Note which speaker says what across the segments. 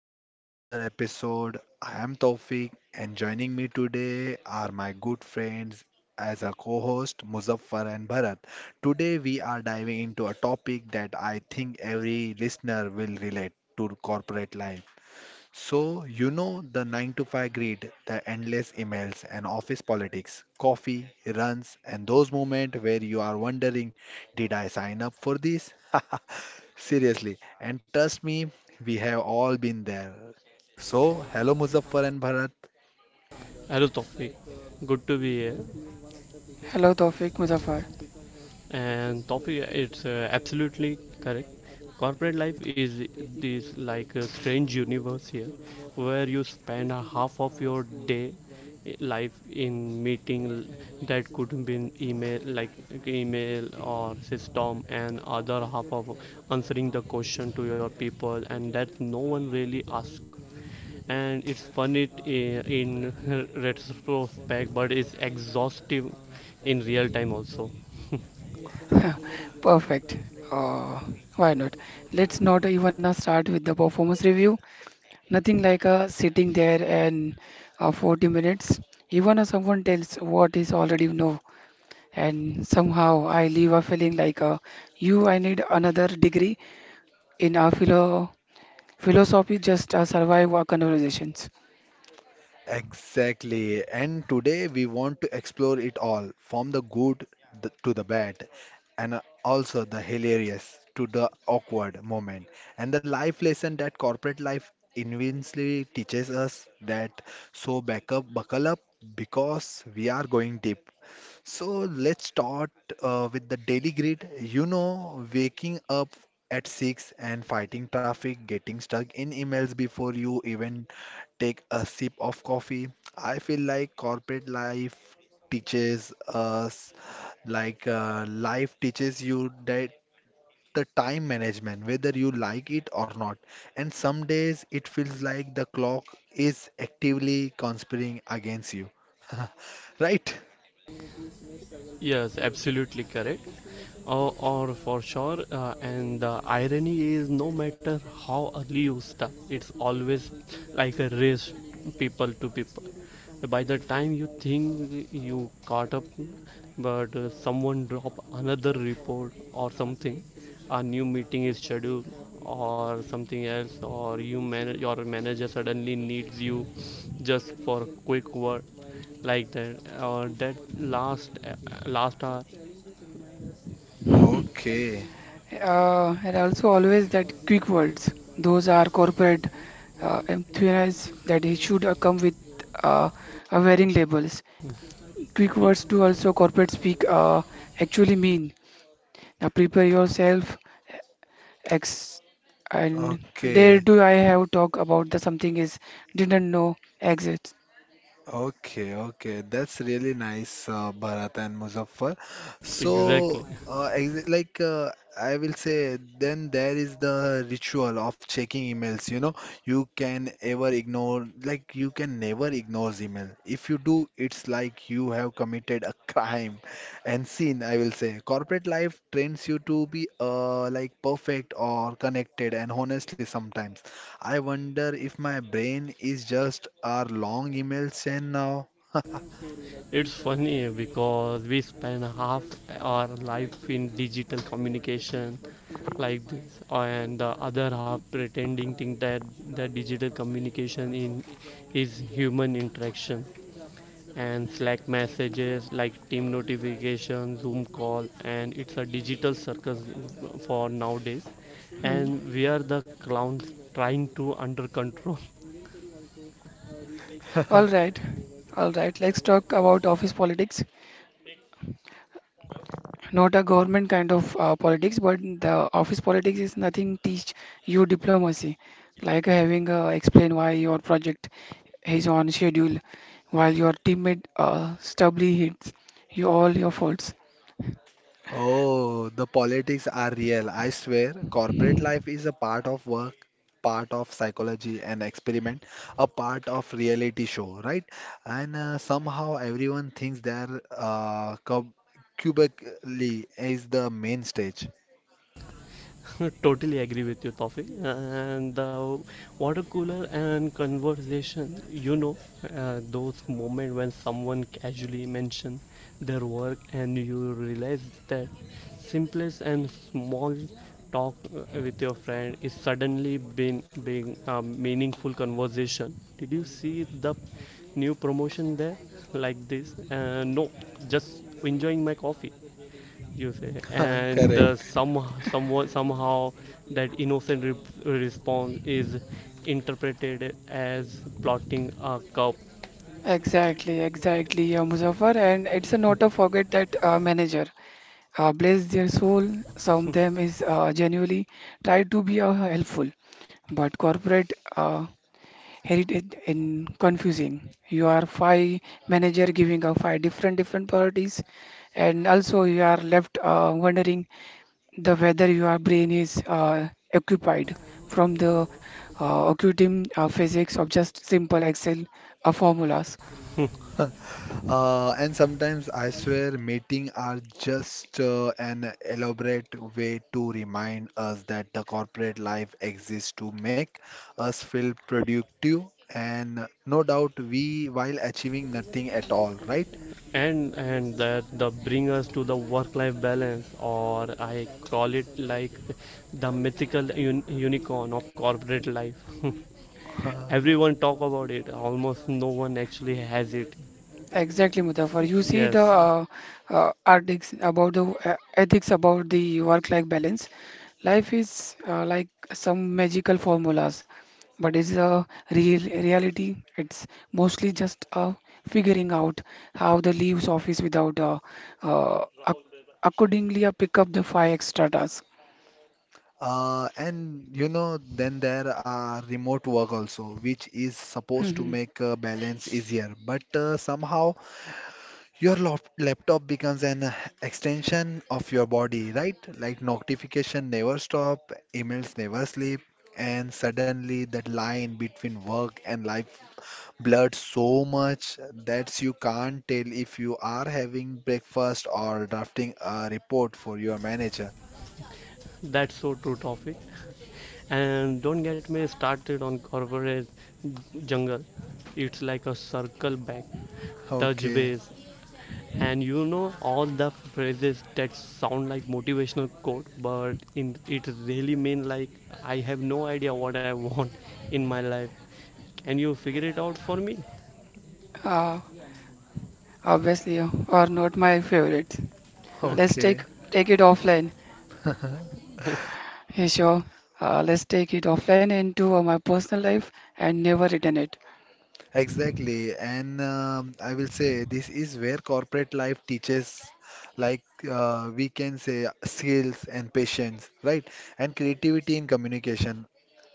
Speaker 1: back to another episode. I am Taufik and joining me today are my good friends as a co-host Muzaffar and Bharat. Today we are diving into a topic that I think every listener will relate to corporate life so, you know, the 9 to 5 grid, the endless emails and office politics, coffee, runs, and those moments where you are wondering, did I sign up for this? Seriously, and trust me, we have all been there. So, hello Muzaffar and Bharat.
Speaker 2: Hello, Tofi. Good to be here.
Speaker 3: Hello, Tawfiq Muzaffar.
Speaker 2: And Tofi, it's absolutely correct. Corporate life is this like a strange universe here, where you spend a half of your day life in meeting that could be in email, like email or system, and other half of answering the question to your people, and that no one really asks and it's fun in retrospect, but it's exhaustive in real time also.
Speaker 3: Perfect. Uh, why not? Let's not even start with the performance review. Nothing like sitting there and 40 minutes. Even if someone tells what is already know, and somehow I leave a feeling like you, I need another degree in our philosophy just survive our conversations.
Speaker 1: Exactly. And today we want to explore it all from the good to the bad, and also the hilarious to the awkward moment, and the life lesson that corporate life invincibly teaches us that so back up, buckle up because we are going deep. So let's start with the daily grid. You know, waking up at 6 and fighting traffic, getting stuck in emails before you even take a sip of coffee. I feel like corporate life teaches us, like life teaches you that the time management, whether you like it or not. And some days it feels like the clock is actively conspiring against you. Right?
Speaker 2: Yes, absolutely correct. Or for sure, and the irony is no matter how early you start, it's always like a race, people to people. By the time you think you caught up, but someone drop another report or something, a new meeting is scheduled or something else, or your manager suddenly needs you just for a quick word like that or that last uh, last hour.
Speaker 1: Okay.
Speaker 3: And also always that quick words. Those are corporate employees that he should come with uh, wearing labels. Quick
Speaker 2: E-
Speaker 3: words do also corporate speak actually mean. Now prepare yourself. X and
Speaker 1: Okay,
Speaker 3: dare do I have talk about the something is didn't know exists.
Speaker 1: okay, okay. That's really nice, Bharat and Muzaffar. So,
Speaker 2: exactly.
Speaker 1: ex like I will say, then there is the ritual of checking emails. You know, you can ever ignore, like you can never ignore email. If you do, it's like you have committed a crime and sin, I will say. Corporate life trains you to be like perfect or connected and honestly sometimes. I wonder if my brain is just our long email send now.
Speaker 2: It's funny because we spend half our life in digital communication like this and the other half pretending think that the digital communication in is human interaction and Slack messages like team notification, Zoom call, and it's a digital circus for nowadays. And
Speaker 3: Hmm.
Speaker 2: we are the clowns trying to under control.
Speaker 3: All right, all right. Let's talk about office politics. Not a government kind of politics, but the office politics is nothing teach you diplomacy, like having explain why your project is on schedule, while your teammate stubbornly hits you all your faults.
Speaker 1: Oh, the politics are real. I swear, corporate
Speaker 3: Hmm.
Speaker 1: life is a part of work, part of psychology and experiment, a part of reality show, right? And somehow everyone thinks their cubically is the main stage.
Speaker 2: Totally agree with you, Tofi. And the water cooler and conversation, you know, those moments when someone casually mentions their work and you realize that simplest and small talk with your friend is suddenly been being a meaningful conversation. Did you see the new promotion there like this? No, just enjoying my coffee you say and the
Speaker 1: Correct.
Speaker 2: some someone somehow that innocent response is interpreted as plotting a coup.
Speaker 3: Exactly, exactly, yeah, Muzaffar, and it's a not to forget that manager. Bless their soul, some of them is genuinely try to be helpful, but corporate heritage and confusing. You are five manager giving out five different priorities, and also you are left wondering the whether your brain is occupied from the occulting physics of just simple Excel formulas.
Speaker 1: And sometimes I swear meeting are just an elaborate way to remind us that the corporate life exists to make us feel productive and no doubt we while achieving nothing at all, right?
Speaker 2: And that the bring us to the work life balance, or I call it like the mythical unicorn of corporate life.
Speaker 1: Uh,
Speaker 2: Everyone talk about it, almost no one actually has it.
Speaker 3: Exactly, Muzaffar. You see the
Speaker 2: Yes,
Speaker 3: articles about the ethics about the work-life balance. Life is like some magical formulas, but it's a real reality. It's mostly just figuring out how the leaves office without ac accordingly pick up the five extra tasks.
Speaker 1: and you know, then there are remote work also, which is supposed to
Speaker 3: Mhm.
Speaker 1: make balance easier, but somehow your laptop becomes an extension of your body, right? Like notification never stop, emails never sleep, and suddenly that line between work and life blurred so much that you can't tell if you are having breakfast or drafting a report for your manager.
Speaker 2: that's so true, topic. And don't get me started on corporate jungle. It's like a circle back, touch
Speaker 1: Okay,
Speaker 2: base, and you know all the phrases that sound like motivational quote, but in it really mean like I have no idea what I want in my life. Can you figure it out for me?
Speaker 3: Uh, obviously, are not my favorite. Let's
Speaker 1: okay.
Speaker 3: take it offline. Hey, sure. Let's take it offline into my personal life and never return it.
Speaker 1: Exactly, and I will say this is where corporate life teaches, like we can say, skills and patience, right? And creativity in communication.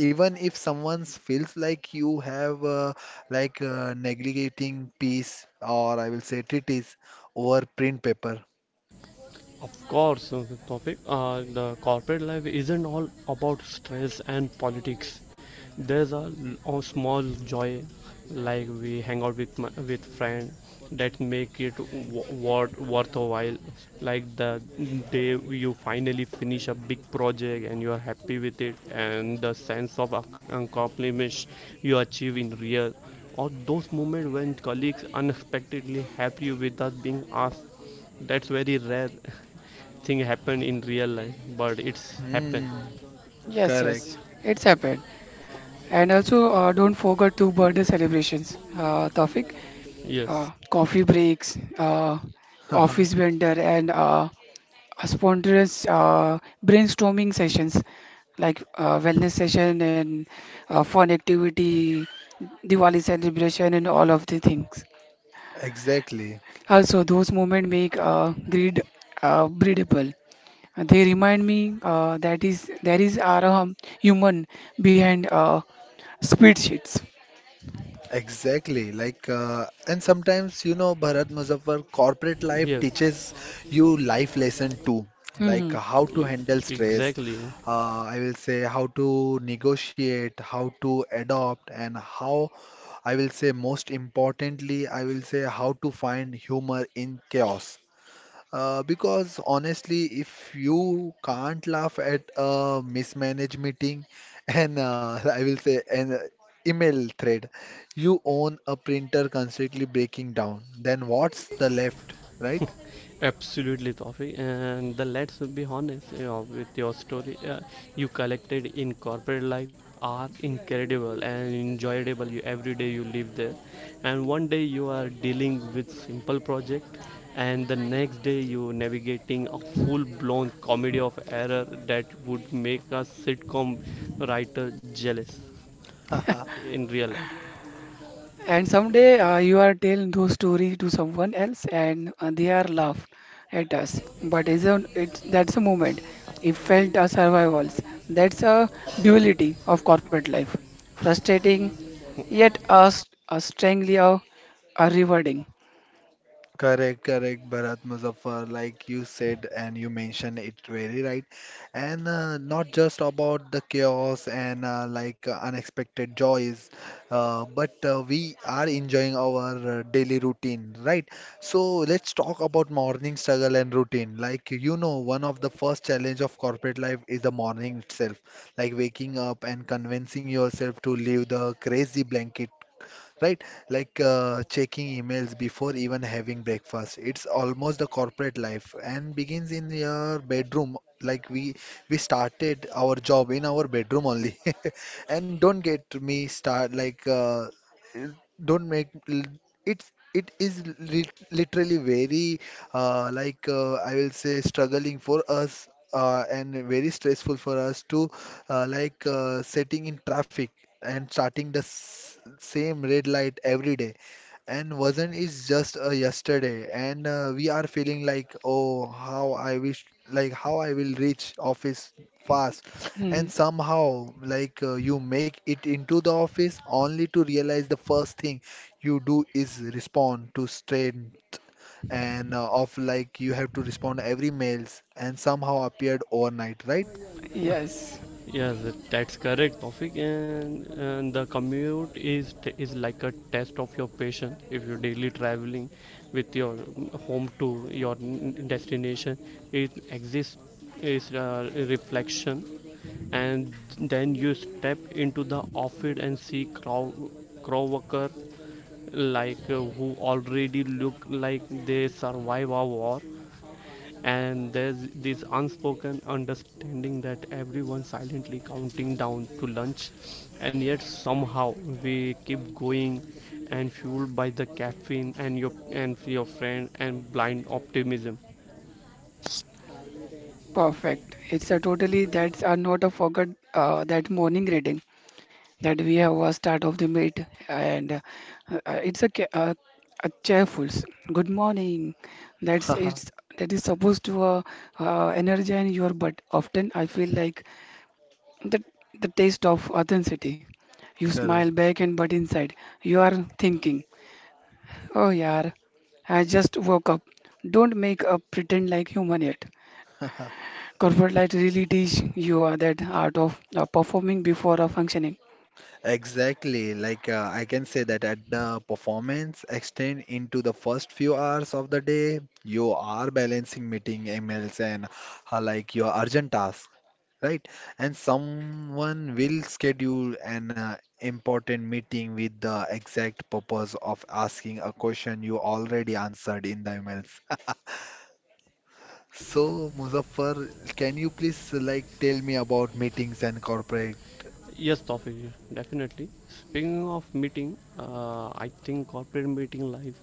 Speaker 1: Even if someone feels like you have neglecting peace or I will say treatise over print paper.
Speaker 2: Of course, the corporate life isn't all about stress and politics. There's a small joy, like we hang out with with friend, that make it worth a while. Like the day you finally finish a big project and you are happy with it, and the sense of accomplishment you achieve in real, or those moments when colleagues unexpectedly help you without being asked. That's very rare thing happened in real life, but it's happened.
Speaker 1: Hmm,
Speaker 3: Yes,
Speaker 1: correct.
Speaker 3: yes, it's happened. And also, don't forget to birthday celebrations, Tawfiq.
Speaker 2: Yes,
Speaker 3: Coffee breaks, office vendor, and spontaneous brainstorming sessions like wellness session and fun activity, Diwali celebration, and all of the things.
Speaker 1: Exactly.
Speaker 3: Also, those moments make greed breedable. They remind me that is there is are human behind spreadsheets.
Speaker 1: Exactly. Like, and sometimes, you know, Bharat Muzaffar, corporate life
Speaker 2: yes,
Speaker 1: teaches you life lesson too, like
Speaker 3: Hmm.
Speaker 1: how to handle stress.
Speaker 2: exactly,
Speaker 1: I will say how to negotiate, how to adopt, and how I will say most importantly, I will say how to find humor in chaos. Because honestly, if you can't laugh at a mismanaged meeting and I will say an email thread, you own a printer constantly breaking down, then what's the left, right?
Speaker 2: absolutely, Toffee. And the let's be honest, you know, with your story you collected in corporate life are incredible and enjoyable. You every day you live there, and one day you are dealing with simple project, and the next day you navigating a full-blown comedy of error that would make a sitcom writer jealous in real life.
Speaker 3: And someday you are telling those stories to someone else, and they are laughed at us. But it's a, it's that's a moment. It felt a survivals. That's a duality of corporate life. Frustrating, yet a strangely a rewarding.
Speaker 1: Correct, correct, Bharat Muzaffar, like you said and you mentioned it very right. And not just about the chaos and unexpected joys, but we are enjoying our daily routine, right? So let's talk about morning struggle and routine. Like you know, one of the first challenge of corporate life is the morning itself, like waking up and convincing yourself to leave the crazy blanket, right? Like checking emails before even having breakfast. It's almost the corporate life and begins in your bedroom. Like we started our job in our bedroom only. And don't get me start like don't make l- it is literally very I will say struggling for us and very stressful for us to setting in traffic and starting the same red light every day and wasn't is just yesterday, and we are feeling like, oh, how I wish like how I will reach office fast, and
Speaker 3: Mhm.
Speaker 1: somehow like you make it into the office only to realize the first thing you do is respond to strain and of like you have to respond every mails and somehow appeared overnight, right?
Speaker 3: Yes.
Speaker 2: Yes, that's correct, Tawfiq. And the commute is like a test of your patience. If you're daily traveling with your home to your destination, it exists is reflection, and then you step into the office and see crow worker like who already look like they survive a war, and there's this unspoken understanding that everyone's silently counting down to lunch, and yet somehow we keep going, and fueled by the caffeine and your friend and blind optimism.
Speaker 3: Perfect. It's a totally that's a not a forgot that morning reading that we have was start of the meet and it's a, a cheerful good morning. That's it's that is supposed to energize your but often I feel like the the taste of authenticity. You smile
Speaker 1: Correct.
Speaker 3: back and but inside you are thinking, oh yeah, I just woke up. Don't make a pretend like human yet. Corporate life really teach you that art of performing before functioning.
Speaker 1: Exactly. Like I can say that at the performance extend into the first few hours of the day, you are balancing meeting emails and like your urgent tasks, right? And someone will schedule an important meeting with the exact purpose of asking a question you already answered in the emails. So, Muzaffar, can you please like tell me about meetings and corporate?
Speaker 2: Yes, Tawfiq, definitely. Speaking of meeting, I think corporate meeting life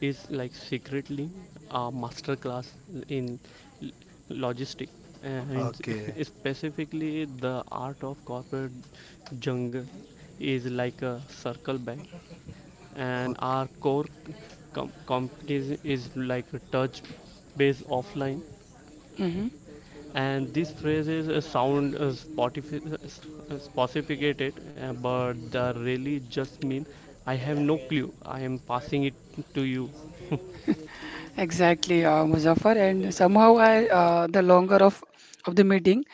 Speaker 2: is like secretly a master class in l- logistic and
Speaker 1: Okay.
Speaker 2: specifically the art of corporate jungle is like a circle back, and our
Speaker 1: Okay.
Speaker 2: companies is like a touch based offline,
Speaker 3: Hmm.
Speaker 2: and these phrases sound uh, sophisticated, but they really just mean I have no clue. I am passing it to you,
Speaker 3: Exactly, Muzaffar. And somehow, I the longer of the meeting,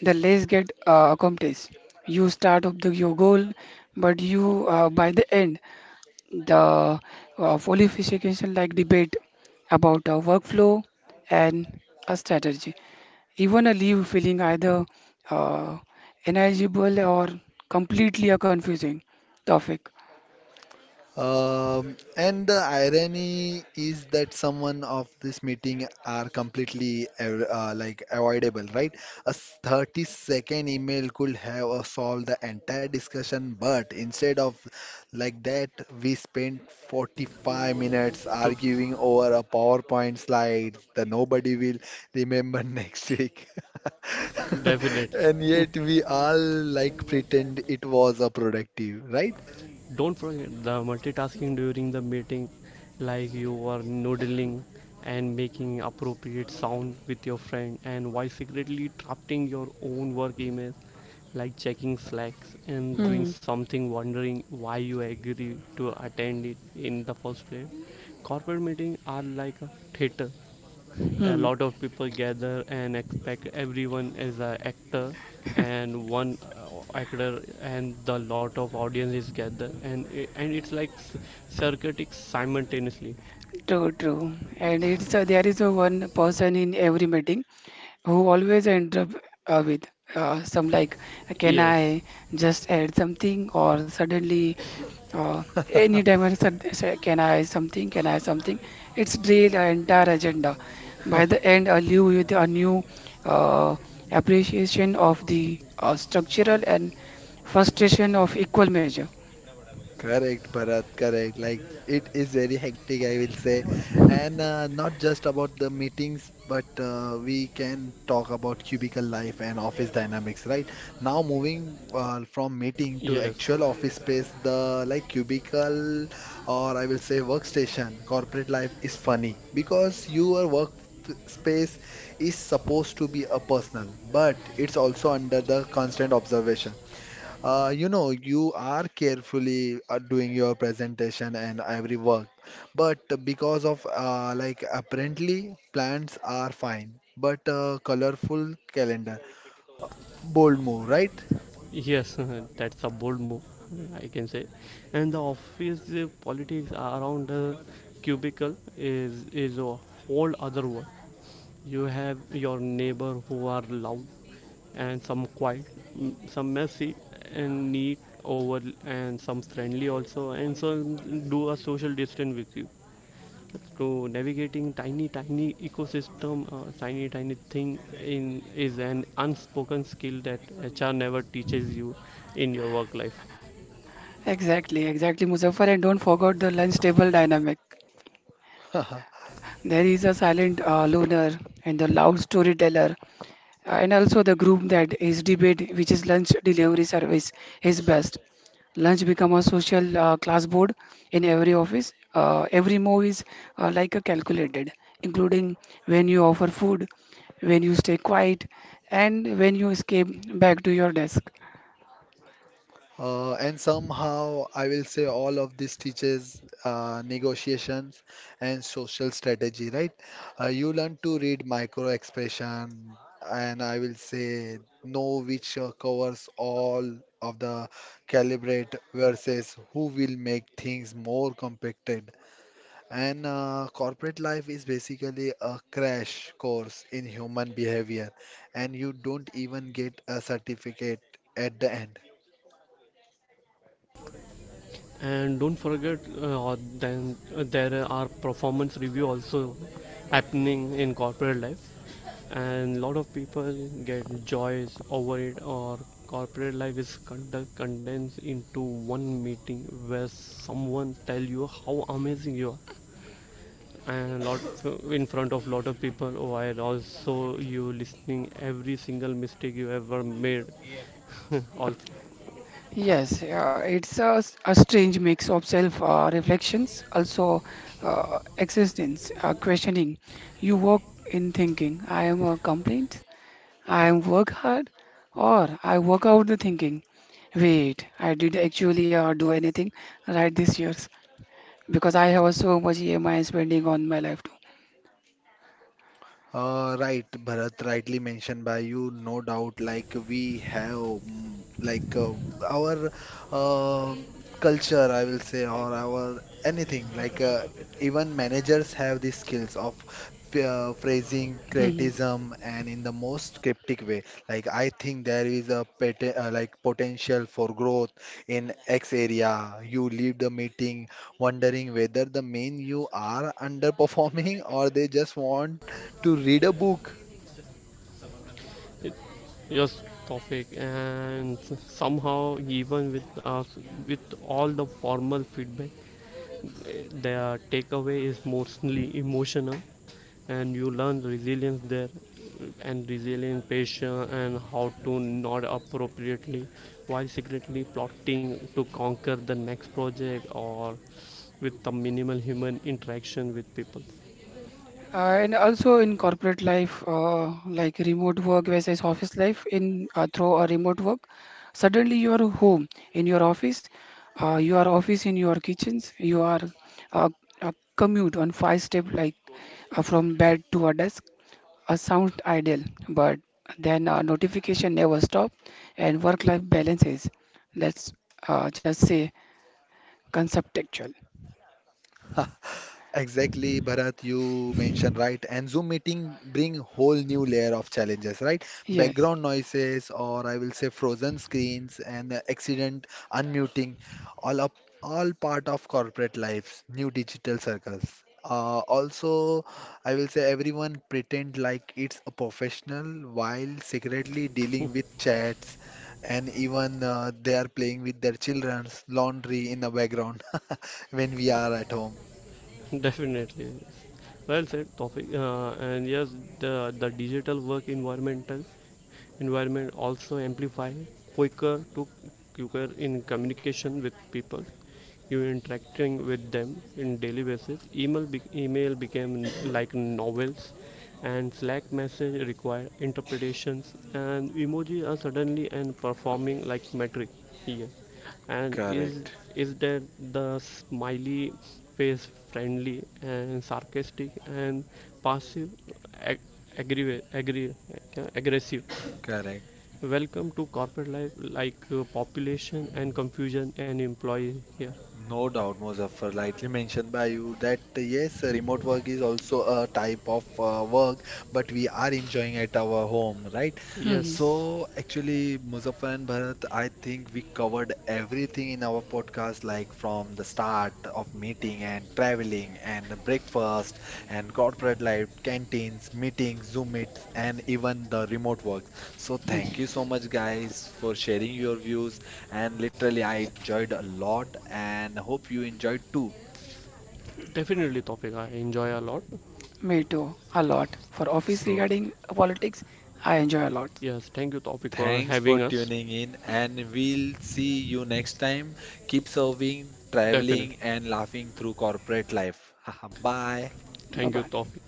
Speaker 3: the less get accomplished. You start up the your goal, but you by the end, the qualification like debate about a workflow and a strategy. Even a leave feeling either uh, ineligible or completely a confusing topic.
Speaker 1: And the irony is that someone of this meeting are completely like avoidable, right? A 30-second email could have solved the entire discussion, but instead of like that, we spent 45 minutes
Speaker 2: to
Speaker 1: arguing over a PowerPoint slide that nobody will remember next week.
Speaker 2: definitely.
Speaker 1: And yet we all like pretend it was a productive, right?
Speaker 2: Don't forget the multitasking during the meeting, like you are noodling and making appropriate sound with your friend and while secretly drafting your own work email, like checking slacks and doing
Speaker 3: Hmm.
Speaker 2: something, wondering why you agree to attend it in the first place. Corporate meetings are like a theater, a
Speaker 3: Hmm.
Speaker 2: lot of people gather and expect everyone is an actor, and one actor and the lot of audience is gather and it's like circuiting simultaneously.
Speaker 3: True, true. And it's there is a one person in every meeting who always end up with some like, can
Speaker 2: Yes,
Speaker 3: I just add something or suddenly any time I say, can I something. It's drill our entire agenda. By the end, I leave with a new uh, appreciation of the structural and frustration of equal measure.
Speaker 1: Correct, Bharat, correct. Like it is very hectic, I will say. And not just about the meetings, but we can talk about cubicle life and office dynamics, right? Now moving from meeting to
Speaker 2: yes,
Speaker 1: actual office space, the like cubicle or I will say workstation, corporate life is funny because your work space is supposed to be a personal, but it's also under the constant observation. You know, you are carefully doing your presentation and every work, but because of like apparently plants are fine, but colorful calendar, Uh, bold move, right?
Speaker 2: yes. That's a bold move, I can say. And the office politics around the cubicle is a whole other world. You have your neighbor who are loud and some quiet, mm, some messy and neat over, and some friendly also, and some do a social distance with you. So navigating tiny, tiny ecosystem, tiny, tiny thing in is an unspoken skill that HR never teaches you in your work life.
Speaker 3: Exactly, exactly, Muzaffar, and don't forget the lunch table dynamic. There is a silent loner and the loud storyteller, and also the group that is debate, which is lunch delivery service, is best. Lunch become a social class board in every office. Every move is like a calculated, including when you offer food, when you stay quiet, and when you escape back to your desk.
Speaker 1: And somehow, I will say all of this teaches negotiations and social strategy, right? You learn to read micro expression, and I will say know which covers all of the calibrate versus who will make things more compacted. And corporate life is basically a crash course in human behavior, and you don't even get a certificate at the end.
Speaker 2: And don't forget, then there are performance review also happening in corporate life, and lot of people get joys over it, or corporate life is conduct, condensed into one meeting where someone tell you how amazing you are, and a lot in front of lot of people, while also you listening every single mistake you ever made. Also
Speaker 3: Yes, yeah, it's a, a strange mix of self reflections, also existence, questioning. You work in thinking, I am a complaint, I am work hard, or I work out the thinking. Wait, I did actually do anything right this years because I have so much EMI spending on my life
Speaker 1: Right, Bharat, rightly mentioned by you, no doubt. Like we have, like our um culture, I will say, or our anything. Like even managers have these skills of phrasing,
Speaker 3: too.
Speaker 1: criticism, and in the most cryptic way. Like I think there is a pet like potential for growth in X area. You leave the meeting wondering whether the main you are underperforming or they just want to read a book.
Speaker 2: it just topic, and somehow even with us with all the formal feedback, their takeaway is mostly emotional, and you learn resilience there, and resilient patience and how to not appropriately while secretly plotting to conquer the next project or with the minimal human interaction with people.
Speaker 3: And also in corporate life, like remote work versus office life, in through a remote work, suddenly you are home in your office, you are office in your kitchens, you are uh, a commute on five step like from bed to a desk, a sound ideal, but then notification never stop, and work-life balance is, let's just say, conceptual.
Speaker 1: Exactly, Bharat, you mentioned right. And Zoom meeting bring whole new layer of challenges, right?
Speaker 3: Yes.
Speaker 1: Background noises, or I will say frozen screens and accident unmuting, all up, all part of corporate lives, new digital circles. Also, I will say everyone pretend like it's a professional while secretly dealing with chats, and even they are playing with their children's laundry in the background when we are at home.
Speaker 2: Definitely. Well said, topic. And yes, the digital work environment also amplify quicker to quicker in communication with people. You interacting with them in daily basis. Email became like novels, and Slack message require interpretations, and emoji are suddenly and performing like metric. Yes. and is
Speaker 1: Correct,
Speaker 2: is that the smiley face friendly and sarcastic and passive ag- aggressive, aggri- aggressive?
Speaker 1: correct.
Speaker 2: Welcome to corporate life like population and confusion and employee here.
Speaker 1: No doubt, Muzaffar. Lightly mentioned by you that yes, remote work is also a type of work, but we are enjoying at our home, right?
Speaker 3: Mm-hmm.
Speaker 2: Yes.
Speaker 1: So
Speaker 2: So
Speaker 1: actually, Muzaffar and Bharat, I think we covered everything in our podcast, like from the start of meeting and traveling and breakfast and corporate life, canteens, meetings, Zoom meets, and even the remote work. So thank you so much, guys, for sharing your views. And literally, I enjoyed a lot and hope you enjoyed too.
Speaker 2: definitely topic I enjoy a lot.
Speaker 3: Me too, a lot. For office
Speaker 1: So,
Speaker 3: regarding politics, I enjoy a lot.
Speaker 2: Yes, thank you topic for
Speaker 1: thanks for
Speaker 2: having us.
Speaker 1: tuning in, and
Speaker 2: Definitely.
Speaker 1: we'll see you next time. Keep serving, traveling,
Speaker 2: Definitely.
Speaker 1: and laughing through corporate life. Bye.
Speaker 3: Bye
Speaker 2: Thank you
Speaker 3: bye.
Speaker 2: topic.